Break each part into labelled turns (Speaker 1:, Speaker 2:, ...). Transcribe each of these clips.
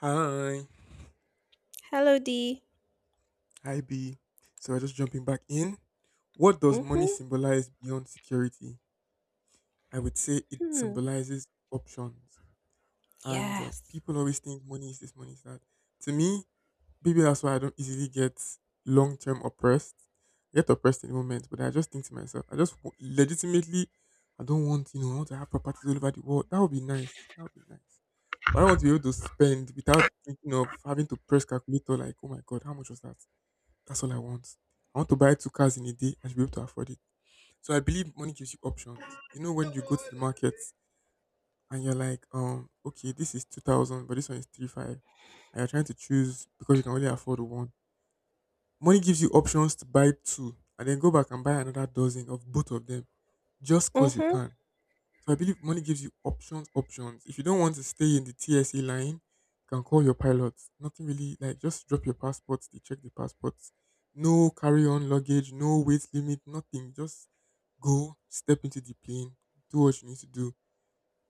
Speaker 1: Hi,
Speaker 2: Hello, D.
Speaker 1: hi B. So we're just jumping back in. What does
Speaker 2: Mm.
Speaker 1: money symbolize beyond security? I would say it symbolizes options. And
Speaker 2: Yes.
Speaker 1: People always think money is this, money is that. To me, maybe that's why I don't easily get long term oppressed. I get oppressed in the moment, but I just think to myself, legitimately, I don't want, you know, I want to have properties all over the world. That would be nice. That would be nice. But I don't want to be able to spend without thinking of having to press calculator like, oh my God, how much was that? That's all I want. I want to buy two cars in a day. I should be able to afford it. So I believe money gives you options. You know when you go to the market and you're like, okay, this is 2,000, but this one is three five, and you're trying to choose because you can only afford one. Money gives you options to buy two and then go back and buy another dozen of both of them just cause you
Speaker 2: Mm-hmm.
Speaker 1: can. So I believe money gives you options, options. If you don't want to stay in the TSA line, you can call your pilot. Nothing really like just drop your passports, they check the passports. No carry on luggage, no weight limit, nothing. Just go, step into the plane, do what you need to do.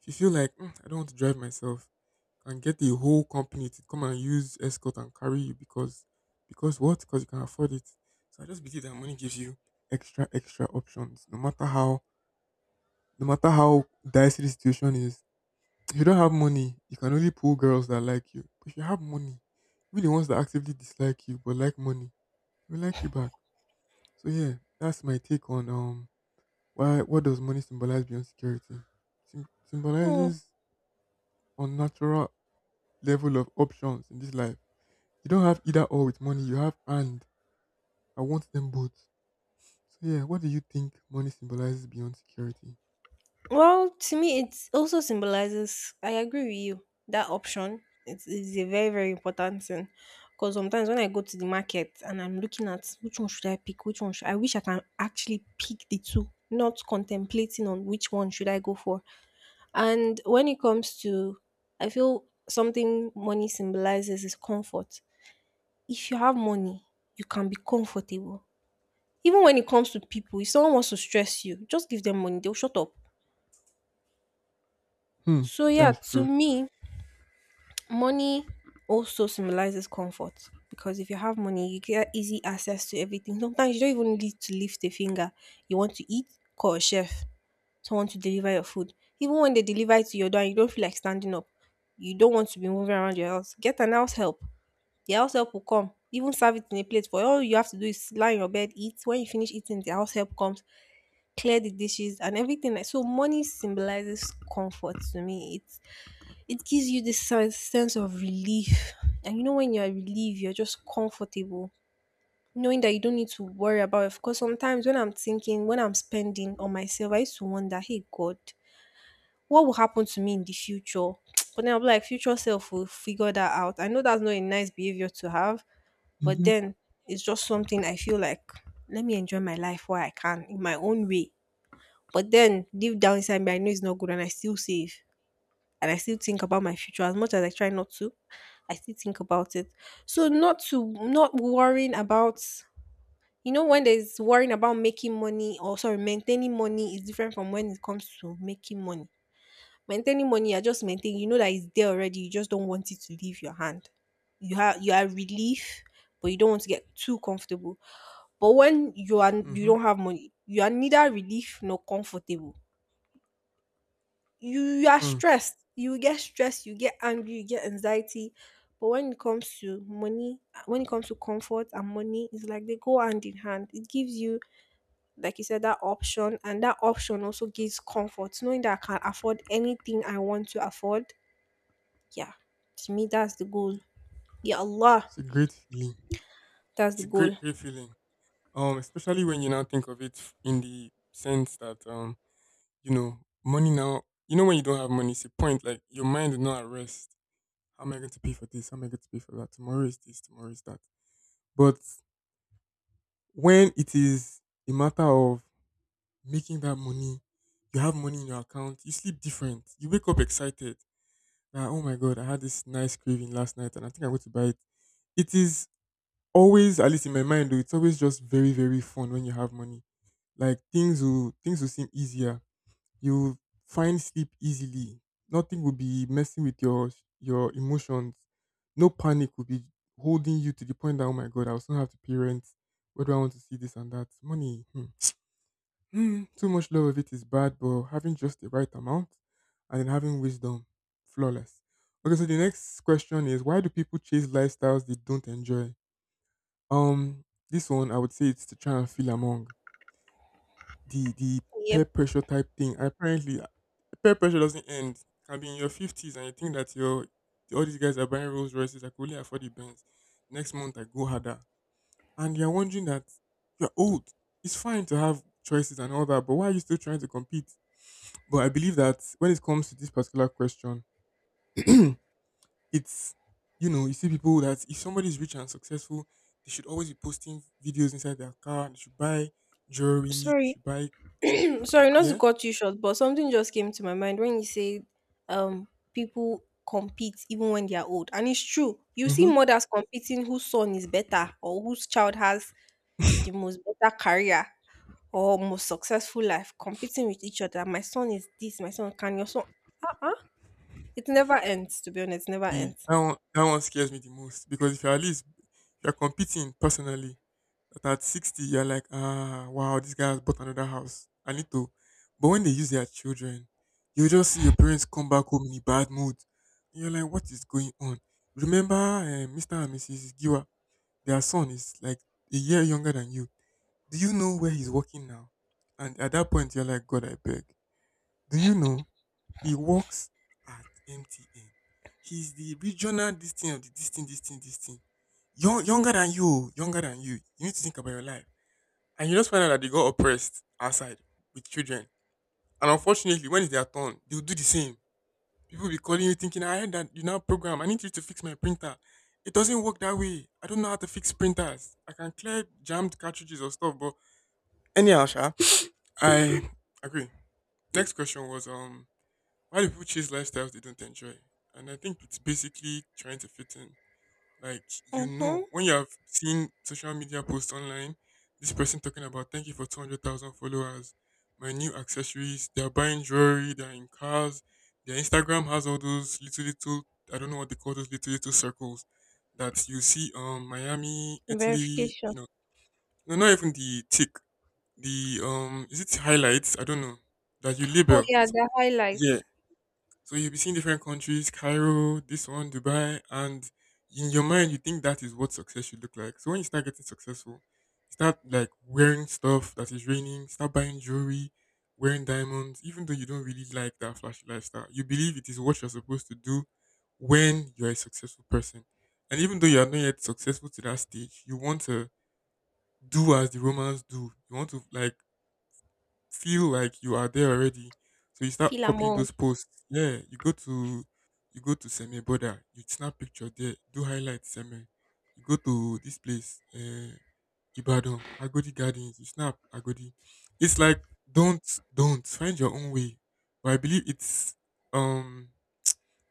Speaker 1: If you feel like "Mm, I don't want to drive myself, you can get the whole company to come and use escort and carry you because what? Because you can afford it. So I just believe that money gives you extra, extra options, no matter how no matter how dicey the situation is, if you don't have money, you can only pull girls that like you. But if you have money, even the ones that actively dislike you but like money, they will like you back. So yeah, that's my take on why, what does money symbolize beyond security?
Speaker 2: Hmm.
Speaker 1: Symbolizes unnatural level of options in this life. You don't have either or with money, you have and I want them both. So yeah, what do you think money symbolizes beyond security?
Speaker 2: Well, to me, it also symbolizes, I agree with you, that option is a very, very important thing. Because sometimes when I go to the market and I'm looking at which one should I pick, which one should I wish, I can actually pick the two, not contemplating on which one should I go for. And when it comes to, I feel something money symbolizes is comfort. If you have money, you can be comfortable. Even when it comes to people, if someone wants to stress you, just give them money, they'll shut up.
Speaker 1: Hmm,
Speaker 2: So yeah,
Speaker 1: that's
Speaker 2: to
Speaker 1: true.
Speaker 2: me, money also symbolizes comfort because if you have money, you get easy access to everything. Sometimes you don't even need to lift a finger. You want to eat, call a chef, someone to deliver your food. Even when they deliver it to your door, and you don't feel like standing up. You don't want to be moving around your house. Get an house help. The house help will come, even serve it in a plate for you. All you have to do is lie on your bed, eat. When you finish eating, the house help comes, clear the dishes and everything. Like, so money symbolizes comfort to me. It gives you this sense of relief, and you know when you're relieved, you're just comfortable, knowing that you don't need to worry about it. Because sometimes when I'm thinking, when I'm spending on myself, I used to wonder, hey god, what will happen to me in the future? But then I'm like, future self will figure that out. I know that's not a nice behavior to have, but
Speaker 1: Mm-hmm.
Speaker 2: then it's just something I feel like, let me enjoy my life while I can in my own way. But then deep down inside me, I know it's not good and I still save. And I still think about my future. As much as I try not to, I still think about it. So not to, not worrying about, you know, when there's worrying about making money, or sorry, maintaining money is different from when it comes to making money. Maintaining money, I just maintain, you know, that it's there already, you just don't want it to leave your hand. You have, you are relief, but you don't want to get too comfortable. But when you are, you
Speaker 1: Mm-hmm.
Speaker 2: don't have money, you are neither relief nor comfortable. You are
Speaker 1: Hmm.
Speaker 2: stressed, you get stressed, you get angry, you get anxiety. But when it comes to money, when it comes to comfort and money, it's like they go hand in hand. It gives you, like you said, that option, and that option also gives comfort, knowing that I can afford anything I want to afford. Yeah, to me that's the goal. Yeah, allah,
Speaker 1: It's a great feeling.
Speaker 2: that's
Speaker 1: It's
Speaker 2: the
Speaker 1: a great,
Speaker 2: goal.
Speaker 1: great feeling. Especially when you now think of in the sense that you know, money now. You know, when you don't have money, it's a point like your mind is not at rest. How am I going to pay for this? How am I going to pay for that? Tomorrow is this. Tomorrow is that. But when it is a matter of making that money, you have money in your account. You sleep different. You wake up excited. That oh my god, I had this nice craving last night, and I think I'm going to buy it. It is always, at least in my mind, though, it's always just very, very fun when you have money. Like things will seem easier. You find sleep easily. Nothing will be messing with your emotions. No panic will be holding you to the point that oh my god, I also have to pay rent. Where do I want to see this and that? Money. Hmm. Hmm, too much love of it is bad, but having just the right amount and then having wisdom, flawless. Okay, so the next question is why do people chase lifestyles they don't enjoy? Um, this one I would say it's to try and feel among the peer
Speaker 2: Yep.
Speaker 1: pressure type thing. Apparently, peer pressure doesn't end. You can be in your fifties and you think that your all these guys are buying Rolls Royces. I could only afford the Benz. Next month I go harder, and you're wondering that you're old. It's fine to have choices and all that, but why are you still trying to compete? But I believe that when it comes to this particular question, it's you know you see people that if somebody's rich and successful, they should always be posting videos inside their car and they should buy jewelry, they
Speaker 2: Sorry,
Speaker 1: should buy chain-
Speaker 2: I'm sorry not to
Speaker 1: yeah,
Speaker 2: cut you short, but something just came to my mind when you say, um people compete even when they are old. And it's true. You see
Speaker 1: mm-hmm.
Speaker 2: mothers competing whose son is better or whose child has the most better career or most successful life, competing with each other. My son is this, my son can your son. Uh-uh. It never ends, to be honest, it never
Speaker 1: See,
Speaker 2: ends.
Speaker 1: that one scares me the most because if you're at least if you're competing personally, that at 60 you're like, ah wow, this guy has bought another house, I need to, but when they use their children, you just see your parents come back home in a bad mood. You're like, what is going on? Remember Mr and Mrs Giwa, their son is like a year younger than you. Do you know where he's working now? And at that point, you're like, God, I beg. Do you know he works at MTN? He's the regional this thing of the this thing, this thing, this thing. Young, younger than you, younger than you. You need to think about your life. And you just find out that they got oppressed outside with children. And unfortunately, when it's their turn, they'll do the same. People be calling you thinking, I heard that you now program. I need you to fix my printer. It doesn't work that way. I don't know how to fix printers. I can clear jammed cartridges or stuff, but anyhow, Sha, I agree. Next question was why do people chase lifestyles they don't enjoy? And I think it's basically trying to fit in. Like you
Speaker 2: Mm-hmm.
Speaker 1: know, when you have seen social media posts online, this person talking about thank you for 200,000 followers, my new accessories, they're buying jewelry, they're in cars, their Instagram has all those little little I don't know what they call those little little circles that you see Miami, Italy, you
Speaker 2: Verification.
Speaker 1: know. No, not even the tick, the is it highlights? I don't know. That you
Speaker 2: Oh
Speaker 1: label.
Speaker 2: yeah,
Speaker 1: So,
Speaker 2: the
Speaker 1: yeah.
Speaker 2: highlights.
Speaker 1: So you'll be seeing different countries, Cairo, this one, Dubai, and in your mind you think that is what success should look like. So when you start getting successful, you start like wearing stuff that is raining, start buying jewelry, wearing diamonds, even though you don't really like that flashy lifestyle. You believe it is what you're supposed to do when you're a successful person. And even though you are not yet successful to that stage, you want to do as the Romans do. You want to like feel like you are there already. So you start
Speaker 2: Feel
Speaker 1: copying
Speaker 2: among.
Speaker 1: those posts. Yeah, you go to Seme border, you snap picture there, do highlight Seme. You go to this place, Ibadan, Agodi Gardens, you snap Agodi. It's like don't don't find your own way. But I believe it's um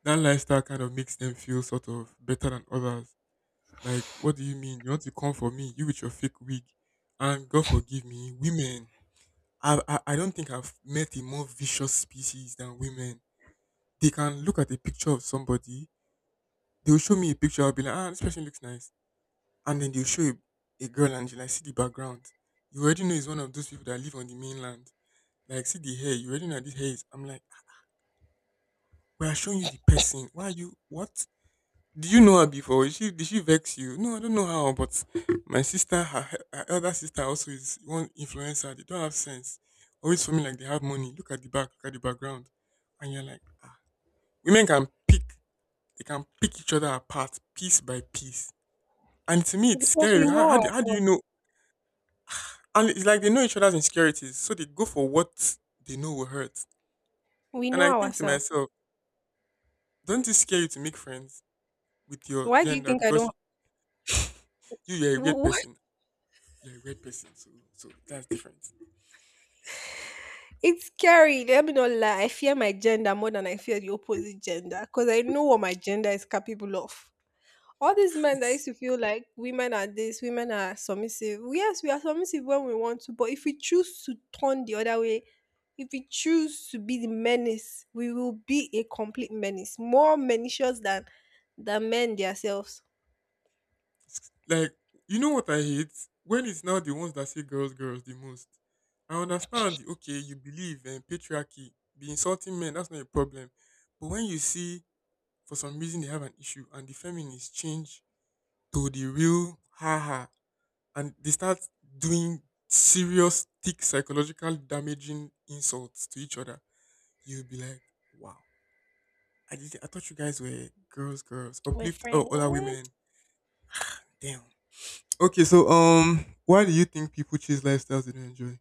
Speaker 1: that lifestyle kind of makes them feel sort of better than others. Like, what do you mean? You want to come for me, you with your fake wig. And God forgive me, women I don't think I've met a more vicious species than women. They can look at a picture of somebody, they'll show me a picture, I'll be like, ah, this person looks nice. And then they'll show a girl and you like see the background. You already know it's one of those people that live on the mainland. Like see the hair, you already know this hair is, I'm like, we are showing you the person. Why are you what? Do you know her before? Is she did she vex you? No, I don't know how, but my sister, her elder sister also is one influencer. They don't have sense. Always for me like they have money. Look at the back, look at the background. And you're like, ah. Women can pick, they can pick each other apart piece by piece. And to me it's
Speaker 2: Because we
Speaker 1: scary.
Speaker 2: know
Speaker 1: How do you
Speaker 2: ourselves.
Speaker 1: know? And it's like they know each other's insecurities, so they go for what they know will hurt.
Speaker 2: We
Speaker 1: And I
Speaker 2: know
Speaker 1: think to
Speaker 2: ourselves.
Speaker 1: myself, don't it scare you to make friends with your
Speaker 2: Why do you
Speaker 1: gender
Speaker 2: think I
Speaker 1: because
Speaker 2: don't?
Speaker 1: you're a weird
Speaker 2: wh-
Speaker 1: person. You're a red person, so so that's different.
Speaker 2: It's scary. Let me not lie. I fear my gender more than I fear the opposite gender because I know what my gender is capable of. All these men that
Speaker 1: It's,
Speaker 2: used to feel like women are this, women are submissive. Yes, we are submissive when we want to, but if we choose to turn the other way, if we choose to be the menace, we will be a complete menace, more malicious than the men themselves.
Speaker 1: it's like you know what I hate when it's now the ones that say girls, girls the most. I understand, okay, you believe in patriarchy, be insulting men, that's not a problem. But when you see for some reason they have an issue and the feminists change to the real haha and they start doing serious, thick psychological damaging insults to each other, you'll be like, wow. I thought you guys were girls, girls,
Speaker 2: We're
Speaker 1: uplift oh,
Speaker 2: friends.
Speaker 1: other women, damn. Okay, so why do you think people choose lifestyles they don't enjoy?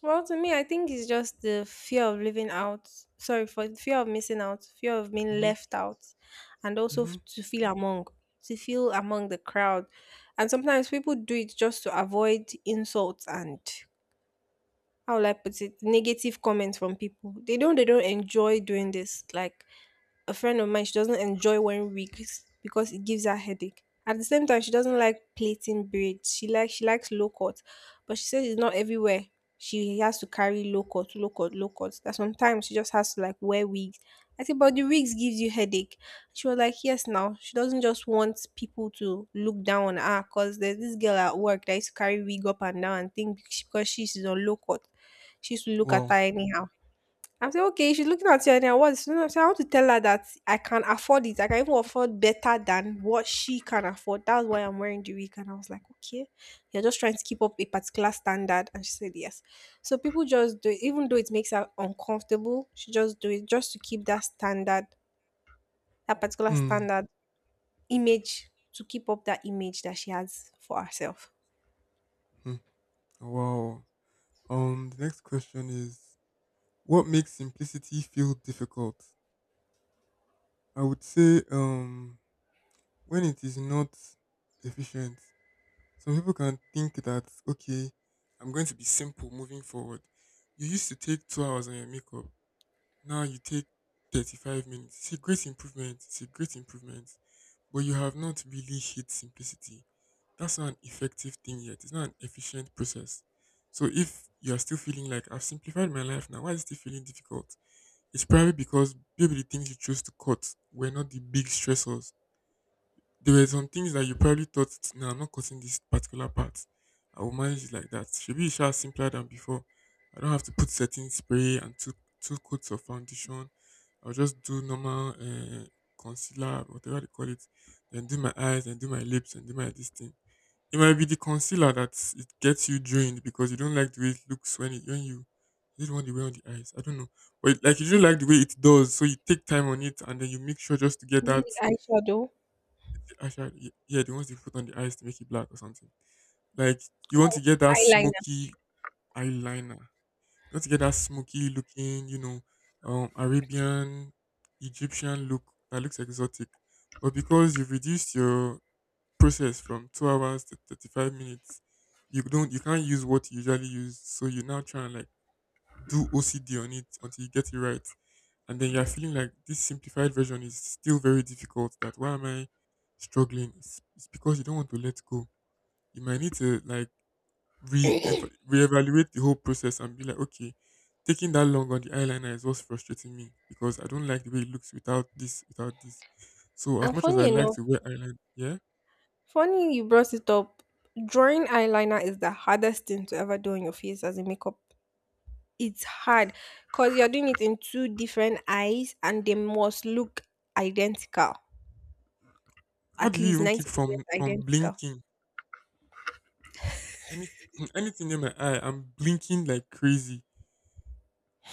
Speaker 2: Well, to me, I think it's just the fear of living out. Sorry, for the fear of missing out, fear of being
Speaker 1: Mm-hmm.
Speaker 2: left out, and also
Speaker 1: Mm-hmm.
Speaker 2: to feel among the crowd. And sometimes people do it just to avoid insults and, how will I put it, negative comments from people. They don't, they don't enjoy doing this. Like a friend of mine, she doesn't enjoy wearing wigs because it gives her headache. At the same time, she doesn't like plaiting braids. She likes low cut, but she says it's not everywhere. She has to carry low cut, low cut, low cut. That sometimes she just has to like wear wigs. I said, but the wigs gives you headache. She was like, yes, now she doesn't just want people to look down on her because there's this girl at work that used to carry wig up and down and think because she's on low cut, she used to look at her
Speaker 1: Wow.
Speaker 2: anyhow. I'm saying, okay, she's looking at you, and I was, you know, I'm saying, I want to tell her that I can afford it. I can even afford better than what she can afford. That's why I'm wearing the wig. And I was like, okay, you're just trying to keep up a particular standard. And she said, yes. So people just do it, even though it makes her uncomfortable, she just do it just to keep that standard, that particular
Speaker 1: Hmm.
Speaker 2: standard, image, to keep up that image that she has for herself.
Speaker 1: Hmm. Wow. The next question is, what makes simplicity feel difficult? I would say when it is not efficient. Some people can think that okay, I'm going to be simple moving forward. You used to take 2 hours on your makeup. Now you take 35 minutes. It's a great improvement. It's a great improvement but you have not really hit simplicity. That's not an effective thing yet. It's not an efficient process. So if you are still feeling like I've simplified my life now, why is it still feeling difficult? It's probably because maybe the things you chose to cut were not the big stressors. There were some things that you probably thought, nah, I'm not cutting this particular part. I will manage it like that. Should be sure simpler than before. I don't have to put setting spray and two coats of foundation. I'll just do normal concealer, whatever they call it, then do my eyes and do my lips and do my this thing. It might be the concealer that it gets you drained because you don't like the way it looks when it, when you don't want the way on the eyes. I don't know, but like you don't like the way it does, so you take time on it and then you make sure just to get
Speaker 2: Using
Speaker 1: that.
Speaker 2: the eyeshadow?
Speaker 1: I said, yeah, the ones you put on the eyes to make it black or something. Like you want to get that
Speaker 2: Eyeliner.
Speaker 1: smoky eyeliner. You want to get that smoky looking, you know, Arabian, Egyptian look that looks exotic. But because you've reduced your process from 2 hours to 35 minutes, you can't use what you usually use. So you now try and like do OCD on it until you get it right. And then you're feeling like this simplified version is still very difficult. That why am I struggling? It's because you don't want to let go. You might need to like re reevaluate the whole process and be like, okay, taking that long on the eyeliner is what's frustrating me because I don't like the way it looks without this, without this. So as
Speaker 2: And
Speaker 1: much as
Speaker 2: funny
Speaker 1: I like
Speaker 2: enough,
Speaker 1: to wear eyeliner, yeah.
Speaker 2: funny you brought it up. Drawing eyeliner is the hardest thing to ever do on your face as a makeup. It's hard because you're doing it in two different eyes and they must look identical,
Speaker 1: How do
Speaker 2: at
Speaker 1: you
Speaker 2: least
Speaker 1: even keep
Speaker 2: 90%
Speaker 1: from
Speaker 2: identical.
Speaker 1: blinking? Any anything in my eye, I'm blinking like crazy.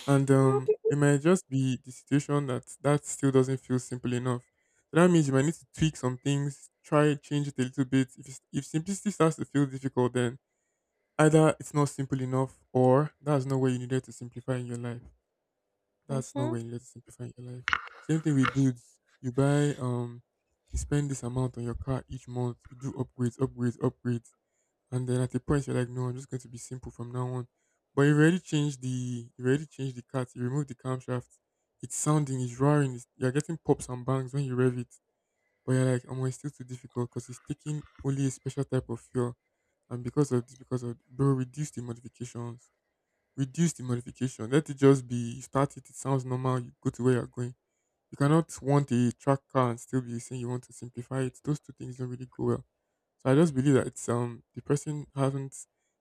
Speaker 1: And it might just be the situation that still doesn't feel simple enough. So that means you might need to tweak some things, try change it a little bit. If simplicity starts to feel difficult, then either it's not simple enough, or that's not where you needed to simplify in your life. That's not
Speaker 2: Mm-hmm.
Speaker 1: where you needed to simplify in your life. Same thing with dudes. You buy you spend this amount on your car each month. You do upgrades, upgrades, upgrades and then at a point you're like, no, I'm just going to be simple from now on. But you've already changed the cat. You removed the camshaft. It's roaring. You're getting pops and bangs when you rev it. But you're like, oh, it's still too difficult because it's taking only a special type of fuel. And because of bro, reduce the modifications. Reduce the modification. Let it just be. You start it. It sounds normal. You go to where you're going. You cannot want a track car and still be saying you want to simplify it. Those two things don't really go well. So I just believe that it's the person hasn't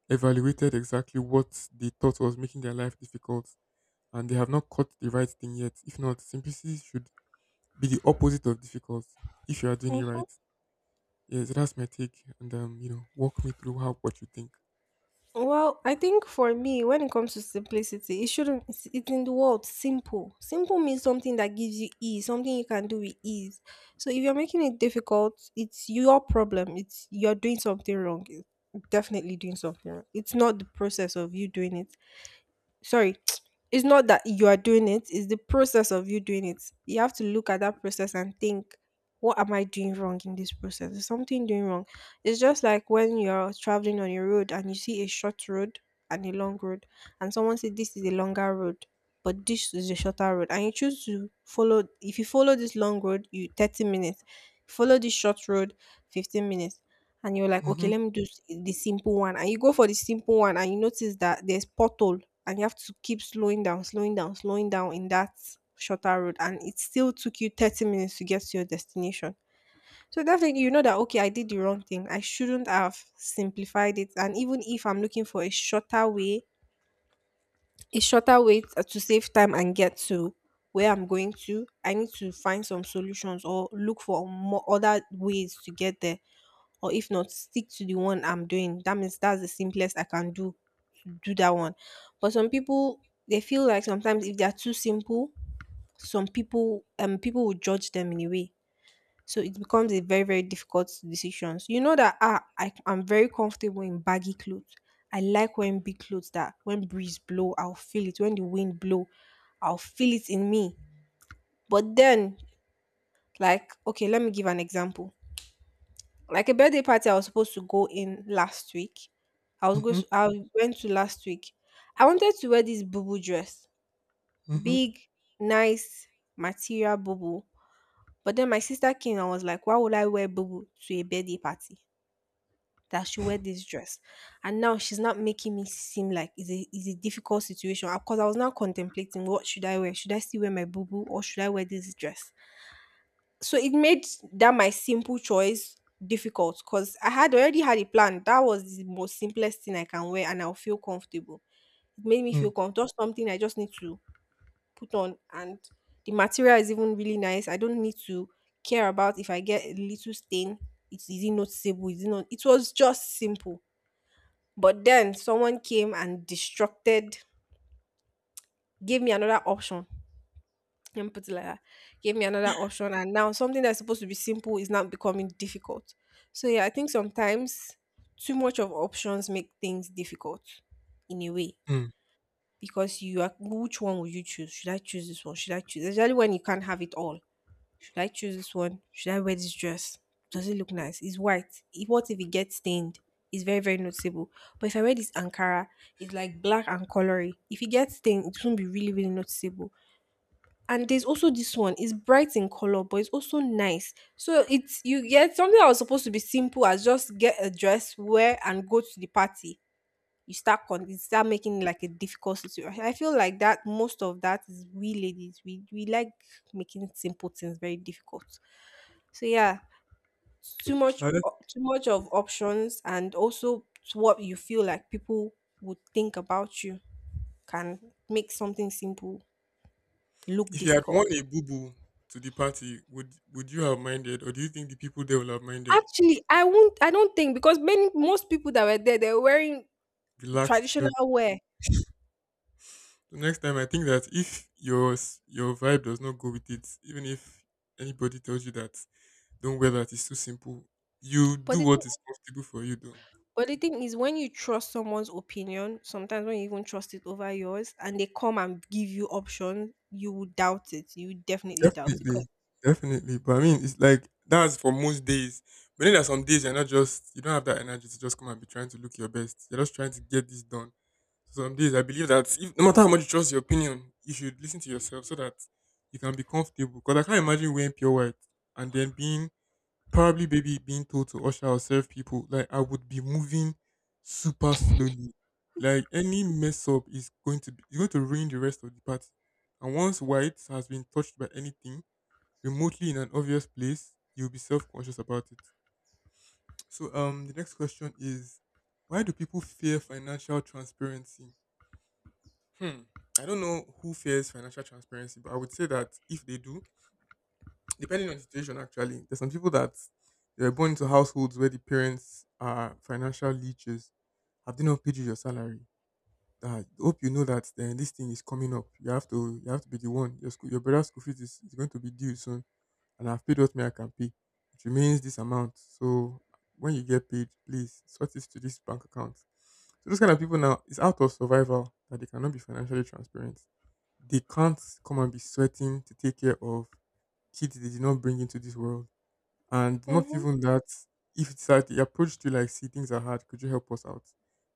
Speaker 1: evaluated exactly what they thought was making their life difficult and they have not caught the right thing yet. If not, simplicity should be the opposite of difficult if you are doing it right. Yeah, so that's my take. And you know, walk me through how what you think.
Speaker 2: Well, I think for me, when it comes to simplicity, it shouldn't, it's in the word simple. Simple means something that gives you ease, something you can do with ease. So if you're making it difficult, it's your problem. It's, you're doing something wrong. It's definitely doing something wrong. It's not the process of you doing it, sorry, it's not that you are doing it, it's the process of you doing it. You have to look at that process and think, what am I doing wrong in this process? Is something doing wrong? It's just like when you're traveling on a road and you see a short road and a long road, and someone says this is a longer road but this is a shorter road, and you choose to follow. If you follow this long road, you 30 minutes, follow this short road, 15 minutes. And you're like, okay,
Speaker 1: Mm-hmm.
Speaker 2: let me do the simple one. And you go for the simple one and you notice that there's pothole and you have to keep slowing down, slowing down, slowing down in that shorter road. And it still took you 30 minutes to get to your destination. So definitely you know that, okay, I did the wrong thing. I shouldn't have simplified it. And even if I'm looking for a shorter way to save time and get to where I'm going to, I need to find some solutions or look for more other ways to get there, or if not, stick to the one I'm doing. That means that's the simplest I can do to do that one. But some people, they feel like sometimes if they are too simple, some people people will judge them in a way. So it becomes a very, very difficult decisions. You know that, ah, I'm very comfortable in baggy clothes. I like wearing big clothes that when breeze blow, I'll feel it. When the wind blow, I'll feel it in me. But then, like, okay, let me give an example. Like a birthday party I was supposed to go in last week, I was go
Speaker 1: Mm-hmm.
Speaker 2: I went to last week. I wanted to wear this boo dress,
Speaker 1: Mm-hmm.
Speaker 2: big, nice material boo. But then my sister came and was like, "Why would I wear boo to a birthday party? That she wear this dress." And now she's not, making me seem like it's a difficult situation because I was now contemplating, what should I wear? Should I still wear my boo or should I wear this dress? So it made that my simple choice difficult because I had already had a plan. That was the most simplest thing I can wear and I'll feel comfortable. It made me
Speaker 1: Hmm.
Speaker 2: feel comfortable. Just something I just need to put on, and the material is even really nice. I don't need to care about if I get a little stain. It's, is it noticeable? Is it not? It was just simple. But then someone came and destructed, gave me another option and put it like that, gave me another option, and now something that's supposed to be simple is now becoming difficult. So yeah, I think sometimes too much of options make things difficult, in a way.
Speaker 1: Mm.
Speaker 2: Because you are, which one will you choose? Should I choose this one? Should I choose, especially when you can't have it all? Should I choose this one? Should I wear this dress? Does it look nice? It's white. If, what if it gets stained? It's very very noticeable. But if I wear this ankara, it's like black and colory, if it gets stained, it won't be really really noticeable. And there's also this one, it's bright in color, but it's also nice. So it's, you get something that was supposed to be simple as just get a dress, wear, and go to the party. You start con you start making it like a difficult situation. I feel like that most of that is we ladies. We like making simple things very difficult. So yeah,
Speaker 1: I.
Speaker 2: too much of options, and also what you feel like people would think about you can make something simple look
Speaker 1: If you had worn
Speaker 2: difficult.
Speaker 1: a boo boo to the party, would you have minded, or do you think the people there will have minded?
Speaker 2: Actually, I don't think, because many most people that were there, they were wearing
Speaker 1: Relaxed clothes.
Speaker 2: traditional wear.
Speaker 1: The next time, I think that if your vibe does not go with it, even if anybody tells you that don't wear that, it's too simple. You
Speaker 2: But
Speaker 1: do
Speaker 2: the thing,
Speaker 1: what is comfortable for you, though.
Speaker 2: but the thing is, when you trust someone's opinion, sometimes when you even trust it over yours, and they come and give you options, you will doubt it. You would definitely doubt it.
Speaker 1: Definitely,
Speaker 2: Because
Speaker 1: definitely. But I mean, it's like that's for most days. But then there are some days you're not just you don't have that energy to just come and be trying to look your best. You're just trying to get this done. So some days I believe that if, no matter how much you trust your opinion, you should listen to yourself so that you can be comfortable. Because I can't imagine wearing pure white and then being probably maybe being told to usher or serve people. Like I would be moving super slowly. Like any mess up is going to ruin the rest of the party. And once white has been touched by anything remotely in an obvious place, you'll be self-conscious about it. So, the next question is, why do people fear financial transparency? Hmm. I don't know who fears financial transparency, but I would say that if they do, depending on the situation, actually, there's some people that they were born into households where the parents are financial leeches. Have they not paid you your salary? That hope you know that then this thing is coming up. You have to be the one. Your school, your brother's school fees is going to be due soon and I've paid what me I can pay. It remains this amount. So when you get paid, please sort this to this bank account. So those kind of people now, it's out of survival that they cannot be financially transparent. They can't come and be sweating to take care of kids they did not bring into this world. And not
Speaker 2: hmm
Speaker 1: even that, if it's that they approach to like, see, things are hard, could you help us out?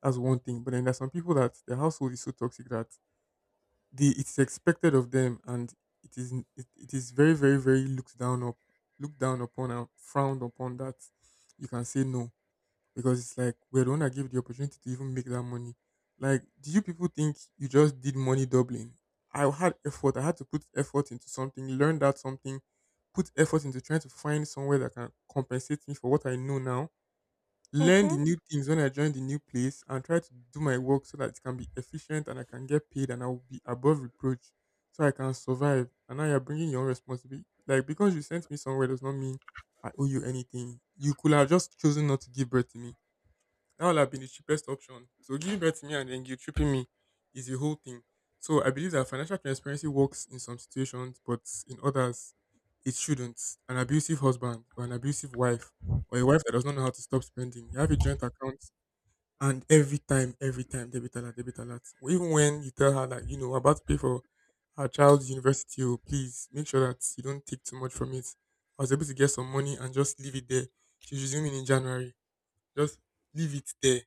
Speaker 1: That's one thing. But then there's some people that their household is so toxic that the it's expected of them and it is very very very looked down upon and frowned upon that you can say no because it's like we're the one that give the opportunity to even make that money. Like do you people think you just did money doubling? I had effort. I had to put effort into something, learn that something, put effort into trying to find somewhere that can compensate me for what I know now, learn the
Speaker 2: hmm.
Speaker 1: new things when I join the new place and try to do my work so that it can be efficient and I can get paid and I'll be above reproach so I can survive. And now you're bringing your own responsibility. Like, because you sent me somewhere does not mean I owe you anything. You could have just chosen not to give birth to me. That would have been the cheapest option. So giving birth to me and then guilt tripping me is the whole thing. So I believe that financial transparency works in some situations, but in others, it shouldn't. An abusive husband or an abusive wife or a wife that does not know how to stop spending. You have a joint account and every time, debit alert, debit alert. Even when you tell her that, you know, we're about to pay for our child's university, oh, please make sure that you don't take too much from it. I was able to get some money and just leave it there. She's resuming in January. Just leave it there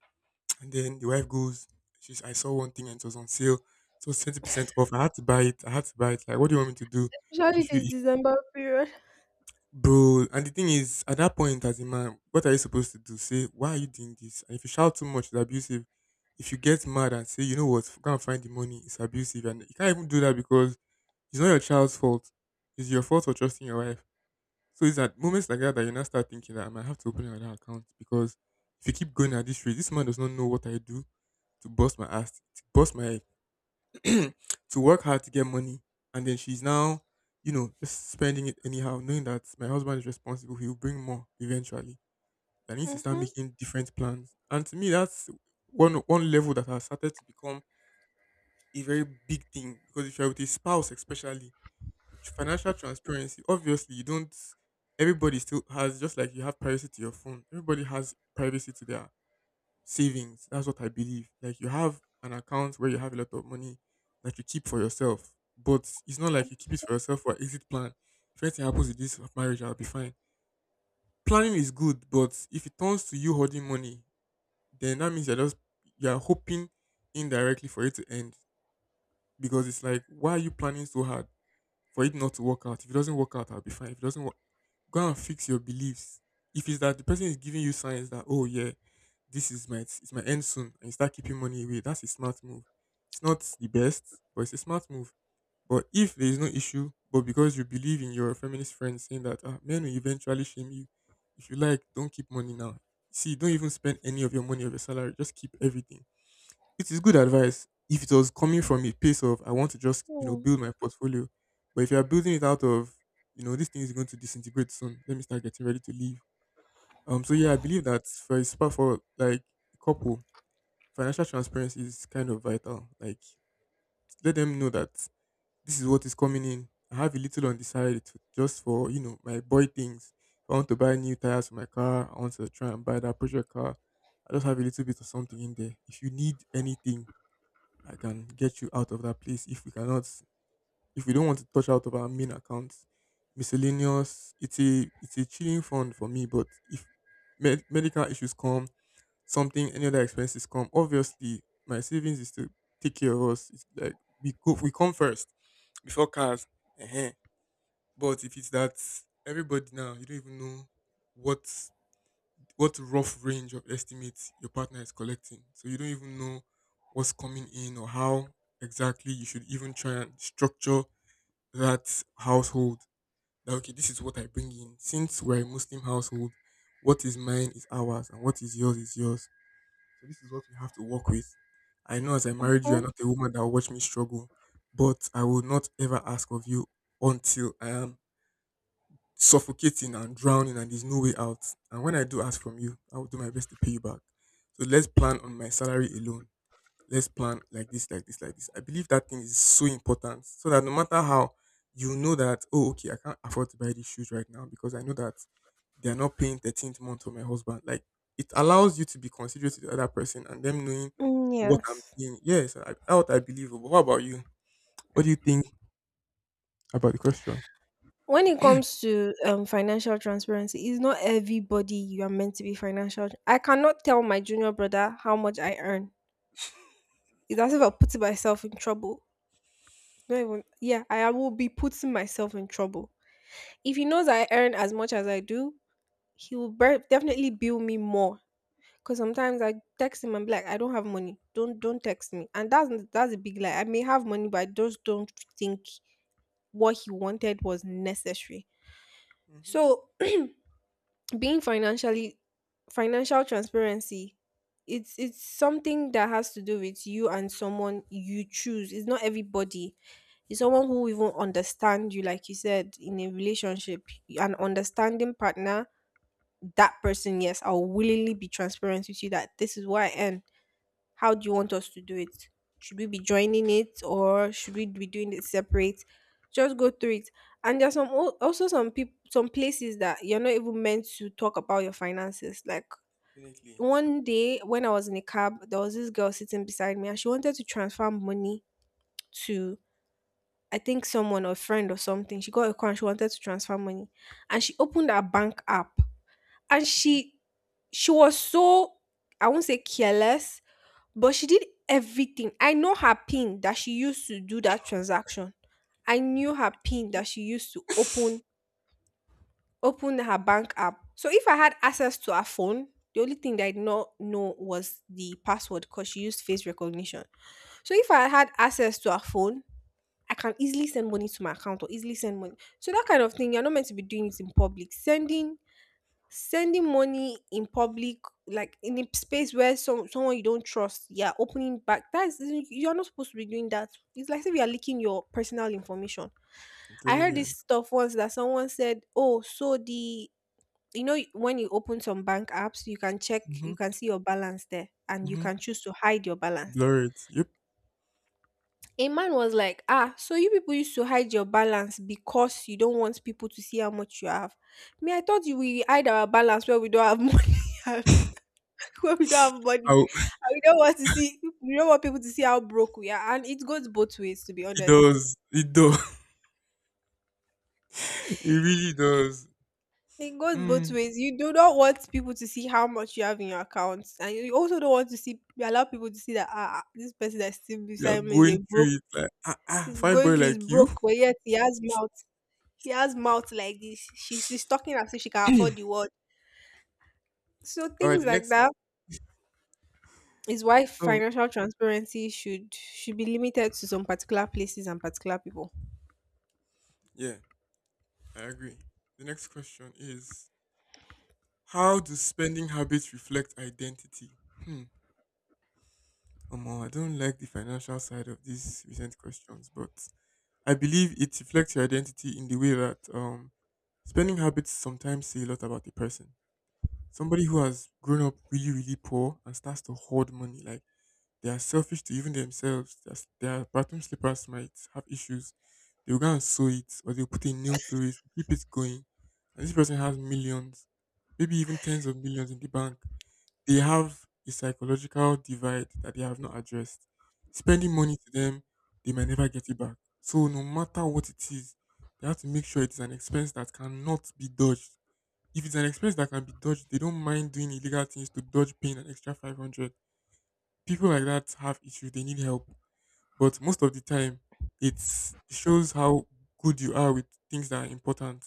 Speaker 1: and then the wife goes, she's, I saw one thing and it was on sale. It was 20% off. I had to buy it. I had to buy it. Like, what do you want me to do?
Speaker 2: Especially
Speaker 1: If you,
Speaker 2: this
Speaker 1: if,
Speaker 2: December period.
Speaker 1: bro, and the thing is, at that point, as a man, what are you supposed to do? Say, why are you doing this? And if you shout too much, it's abusive. If you get mad and say, you know what, go and find the money, it's abusive. And you can't even do that because it's not your child's fault. It's your fault for trusting your wife. So it's at moments like that that you now start thinking that I might have to open another account because if you keep going at this rate, this man does not know what I do to bust my ass, to bust my head, to work hard to get money, and then she's now, you know, just spending it anyhow, knowing that my husband is responsible. He'll bring more eventually. I need to start
Speaker 2: Mm-hmm.
Speaker 1: making different plans, and to me, that's one level that has started to become a very big thing because if you're with a spouse, especially financial transparency, obviously you don't. Everybody still has just like you have privacy to your phone. Everybody has privacy to their savings. That's what I believe. Like, you have an account where you have a lot of money that you keep for yourself, but it's not like you keep it for yourself for exit plan. If anything happens with this marriage, I'll be fine. Planning is good, but if it turns to you hoarding money, then that means you're hoping indirectly for it to end, because it's like, why are you planning so hard for it not to work out? If it doesn't work out, I'll be fine. If it doesn't work, go and fix your beliefs. If it's that the person is giving you signs that, oh yeah, this is my it's my end soon, and you start keeping money away, that's a smart move. It's not the best, but it's a smart move. But if there is no issue, but because you believe in your feminist friend saying that ah, men will eventually shame you, if you like, don't keep money now. See, don't even spend any of your money, of your salary. Just keep everything. It is good advice if it was coming from a place of, I want to just,
Speaker 2: Mm-hmm.
Speaker 1: build my portfolio. But if you are building it out of, this thing is going to disintegrate soon, let me start getting ready to leave. So yeah, I believe that for a spa for like a couple, financial transparency is kind of vital. Like, let them know that this is what is coming in. I have a little on the side to, just for, my boy things. If I want to buy new tires for my car, I want to try and buy that project car. I just have a little bit of something in there. If you need anything, I can get you out of that place if we cannot if we don't want to touch out of our main accounts. Miscellaneous, it's a chilling fund for me, but if medical issues come, something, any other expenses come, obviously my savings is to take care of us. It's like we come first before cars. uh But if it's that everybody now, you don't even know what what rough range of estimates your partner is collecting. So you don't even know what's coming in or how exactly you should even try and structure that household. That, okay, this is what I bring in. Since we're a Muslim household, what is mine is ours and what is yours is yours. So this is what we have to work with. I know, as I married you, you're not a woman that will watch me struggle, but I will not ever ask of you until I am suffocating and drowning and there's no way out. And when I do ask from you, I will do my best to pay you back. So let's plan on my salary alone. Let's plan like this, like this, like this. I believe that thing is so important so that no matter how, you know, that, oh, okay, I can't afford to buy these shoes right now because I know that they are not paying 13th month for my husband. Like, it allows you to be considerate to the other person and them knowing
Speaker 2: Mm,
Speaker 1: what I'm
Speaker 2: yes.
Speaker 1: doing. Yes, I believe. But what about you? What do you think about the question?
Speaker 2: When it comes to financial transparency, it's not everybody you are meant to be financial. I cannot tell my junior brother how much I earn. It's as if I'll putting myself in trouble. It's not even, yeah, I will be putting myself in trouble. If he knows I earn as much as I do, definitely bill me more. Cause sometimes I text him and be like, I don't have money. Don't text me. And that's a big lie. I may have money, but I just don't think what he wanted was necessary.
Speaker 1: Mm-hmm.
Speaker 2: So being financially financial transparency, it's something that has to do with you and someone you choose. It's not everybody. It's someone who even understand you, like you said, in a relationship, an understanding partner. That person, yes, I'll willingly be transparent with you that this is where I am. How do you want us to do it? Should we be joining it or should we be doing it separate? Just go through it. And there's also some people, some places that you're not even meant to talk about your finances. Like
Speaker 1: Definitely.
Speaker 2: one day when I was in a cab, there was this girl sitting beside me and she wanted to transfer money to, I think, someone or a friend or something. She got a call and she wanted to transfer money. And she opened her bank app, and
Speaker 1: Hmm.
Speaker 2: she was so, I won't say careless, but she did everything. I know her pin that she used to do that transaction. I knew her pin that she used to open her bank app. So if I had access to her phone, the only thing that I did not know was the password because she used face recognition. So if I had access to her phone, I can easily send money to my account, or easily send money. So that kind of thing, you're not meant to be doing it in public. Sending money in public, like in a space where someone you don't trust, yeah, opening back, that's, you're not supposed to be doing that. It's like if you're leaking your personal information.
Speaker 1: I'm
Speaker 2: I
Speaker 1: telling
Speaker 2: heard this
Speaker 1: you.
Speaker 2: stuff once that someone said, oh, so the, you know when you open some bank apps, you can check,
Speaker 1: Mm-hmm.
Speaker 2: you can see your balance there, and you
Speaker 1: Mm-hmm.
Speaker 2: can choose to hide your balance.
Speaker 1: Blur it. Yep.
Speaker 2: A man was like, ah, so you people used to hide your balance because you don't want people to see how much you have. Me, I thought you, we hide our balance where we don't have money, when we don't have money,
Speaker 1: Ow.
Speaker 2: and we don't want to see, we don't want people to see how broke we are. And it goes both ways, to be
Speaker 1: It
Speaker 2: honest.
Speaker 1: does. It does. It really does.
Speaker 2: It goes both
Speaker 1: Mm.
Speaker 2: ways. You do not want people to see how much you have in your account, and you also don't want to see, you allow people to see that, ah ah, this person that's still
Speaker 1: You're
Speaker 2: beside me is
Speaker 1: going
Speaker 2: a broke.
Speaker 1: through it like, ah, ah,
Speaker 2: He's
Speaker 1: fine
Speaker 2: going
Speaker 1: boy
Speaker 2: through his
Speaker 1: like you.
Speaker 2: broke, but yet he has mouth. He has mouth like this. She's talking as if she can afford the world. So
Speaker 1: All right,
Speaker 2: things
Speaker 1: the
Speaker 2: like that
Speaker 1: next.
Speaker 2: is why
Speaker 1: Oh,
Speaker 2: financial transparency should be limited to some particular places and particular people.
Speaker 1: yeah, I agree. The next question is, how do spending habits reflect identity? Hmm. Omo, I don't like the financial side of these recent questions, but I believe it reflects your identity in the way that spending habits sometimes say a lot about the person. Somebody who has grown up really, really poor and starts to hoard money, like, they are selfish to even themselves. Their bathroom slippers might have issues. They'll go and sew it, or they'll put a nail through it to keep it going. And this person has millions, maybe even tens of millions in the bank. They have a psychological divide that they have not addressed. Spending money to them, they might never get it back. So no matter what it is, they have to make sure it is an expense that cannot be dodged. If it's an expense that can be dodged, they don't mind doing illegal things to dodge paying an extra 500. People like that have issues, they need help. But most of the time, it shows how good you are with things that are important.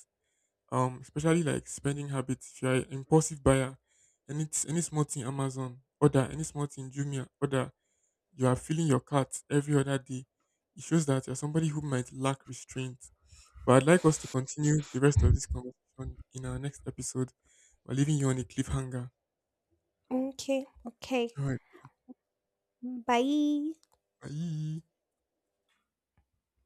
Speaker 1: Especially like spending habits. If you're an impulsive buyer, any small thing Amazon, order, any small thing Jumia, order, you are filling your cart every other day. It shows that you're somebody who might lack restraint. But I'd like us to continue the rest of this conversation in our next episode. We're leaving you on a cliffhanger.
Speaker 2: Okay, okay.
Speaker 1: All right.
Speaker 2: 嗯，拜。
Speaker 1: Bye.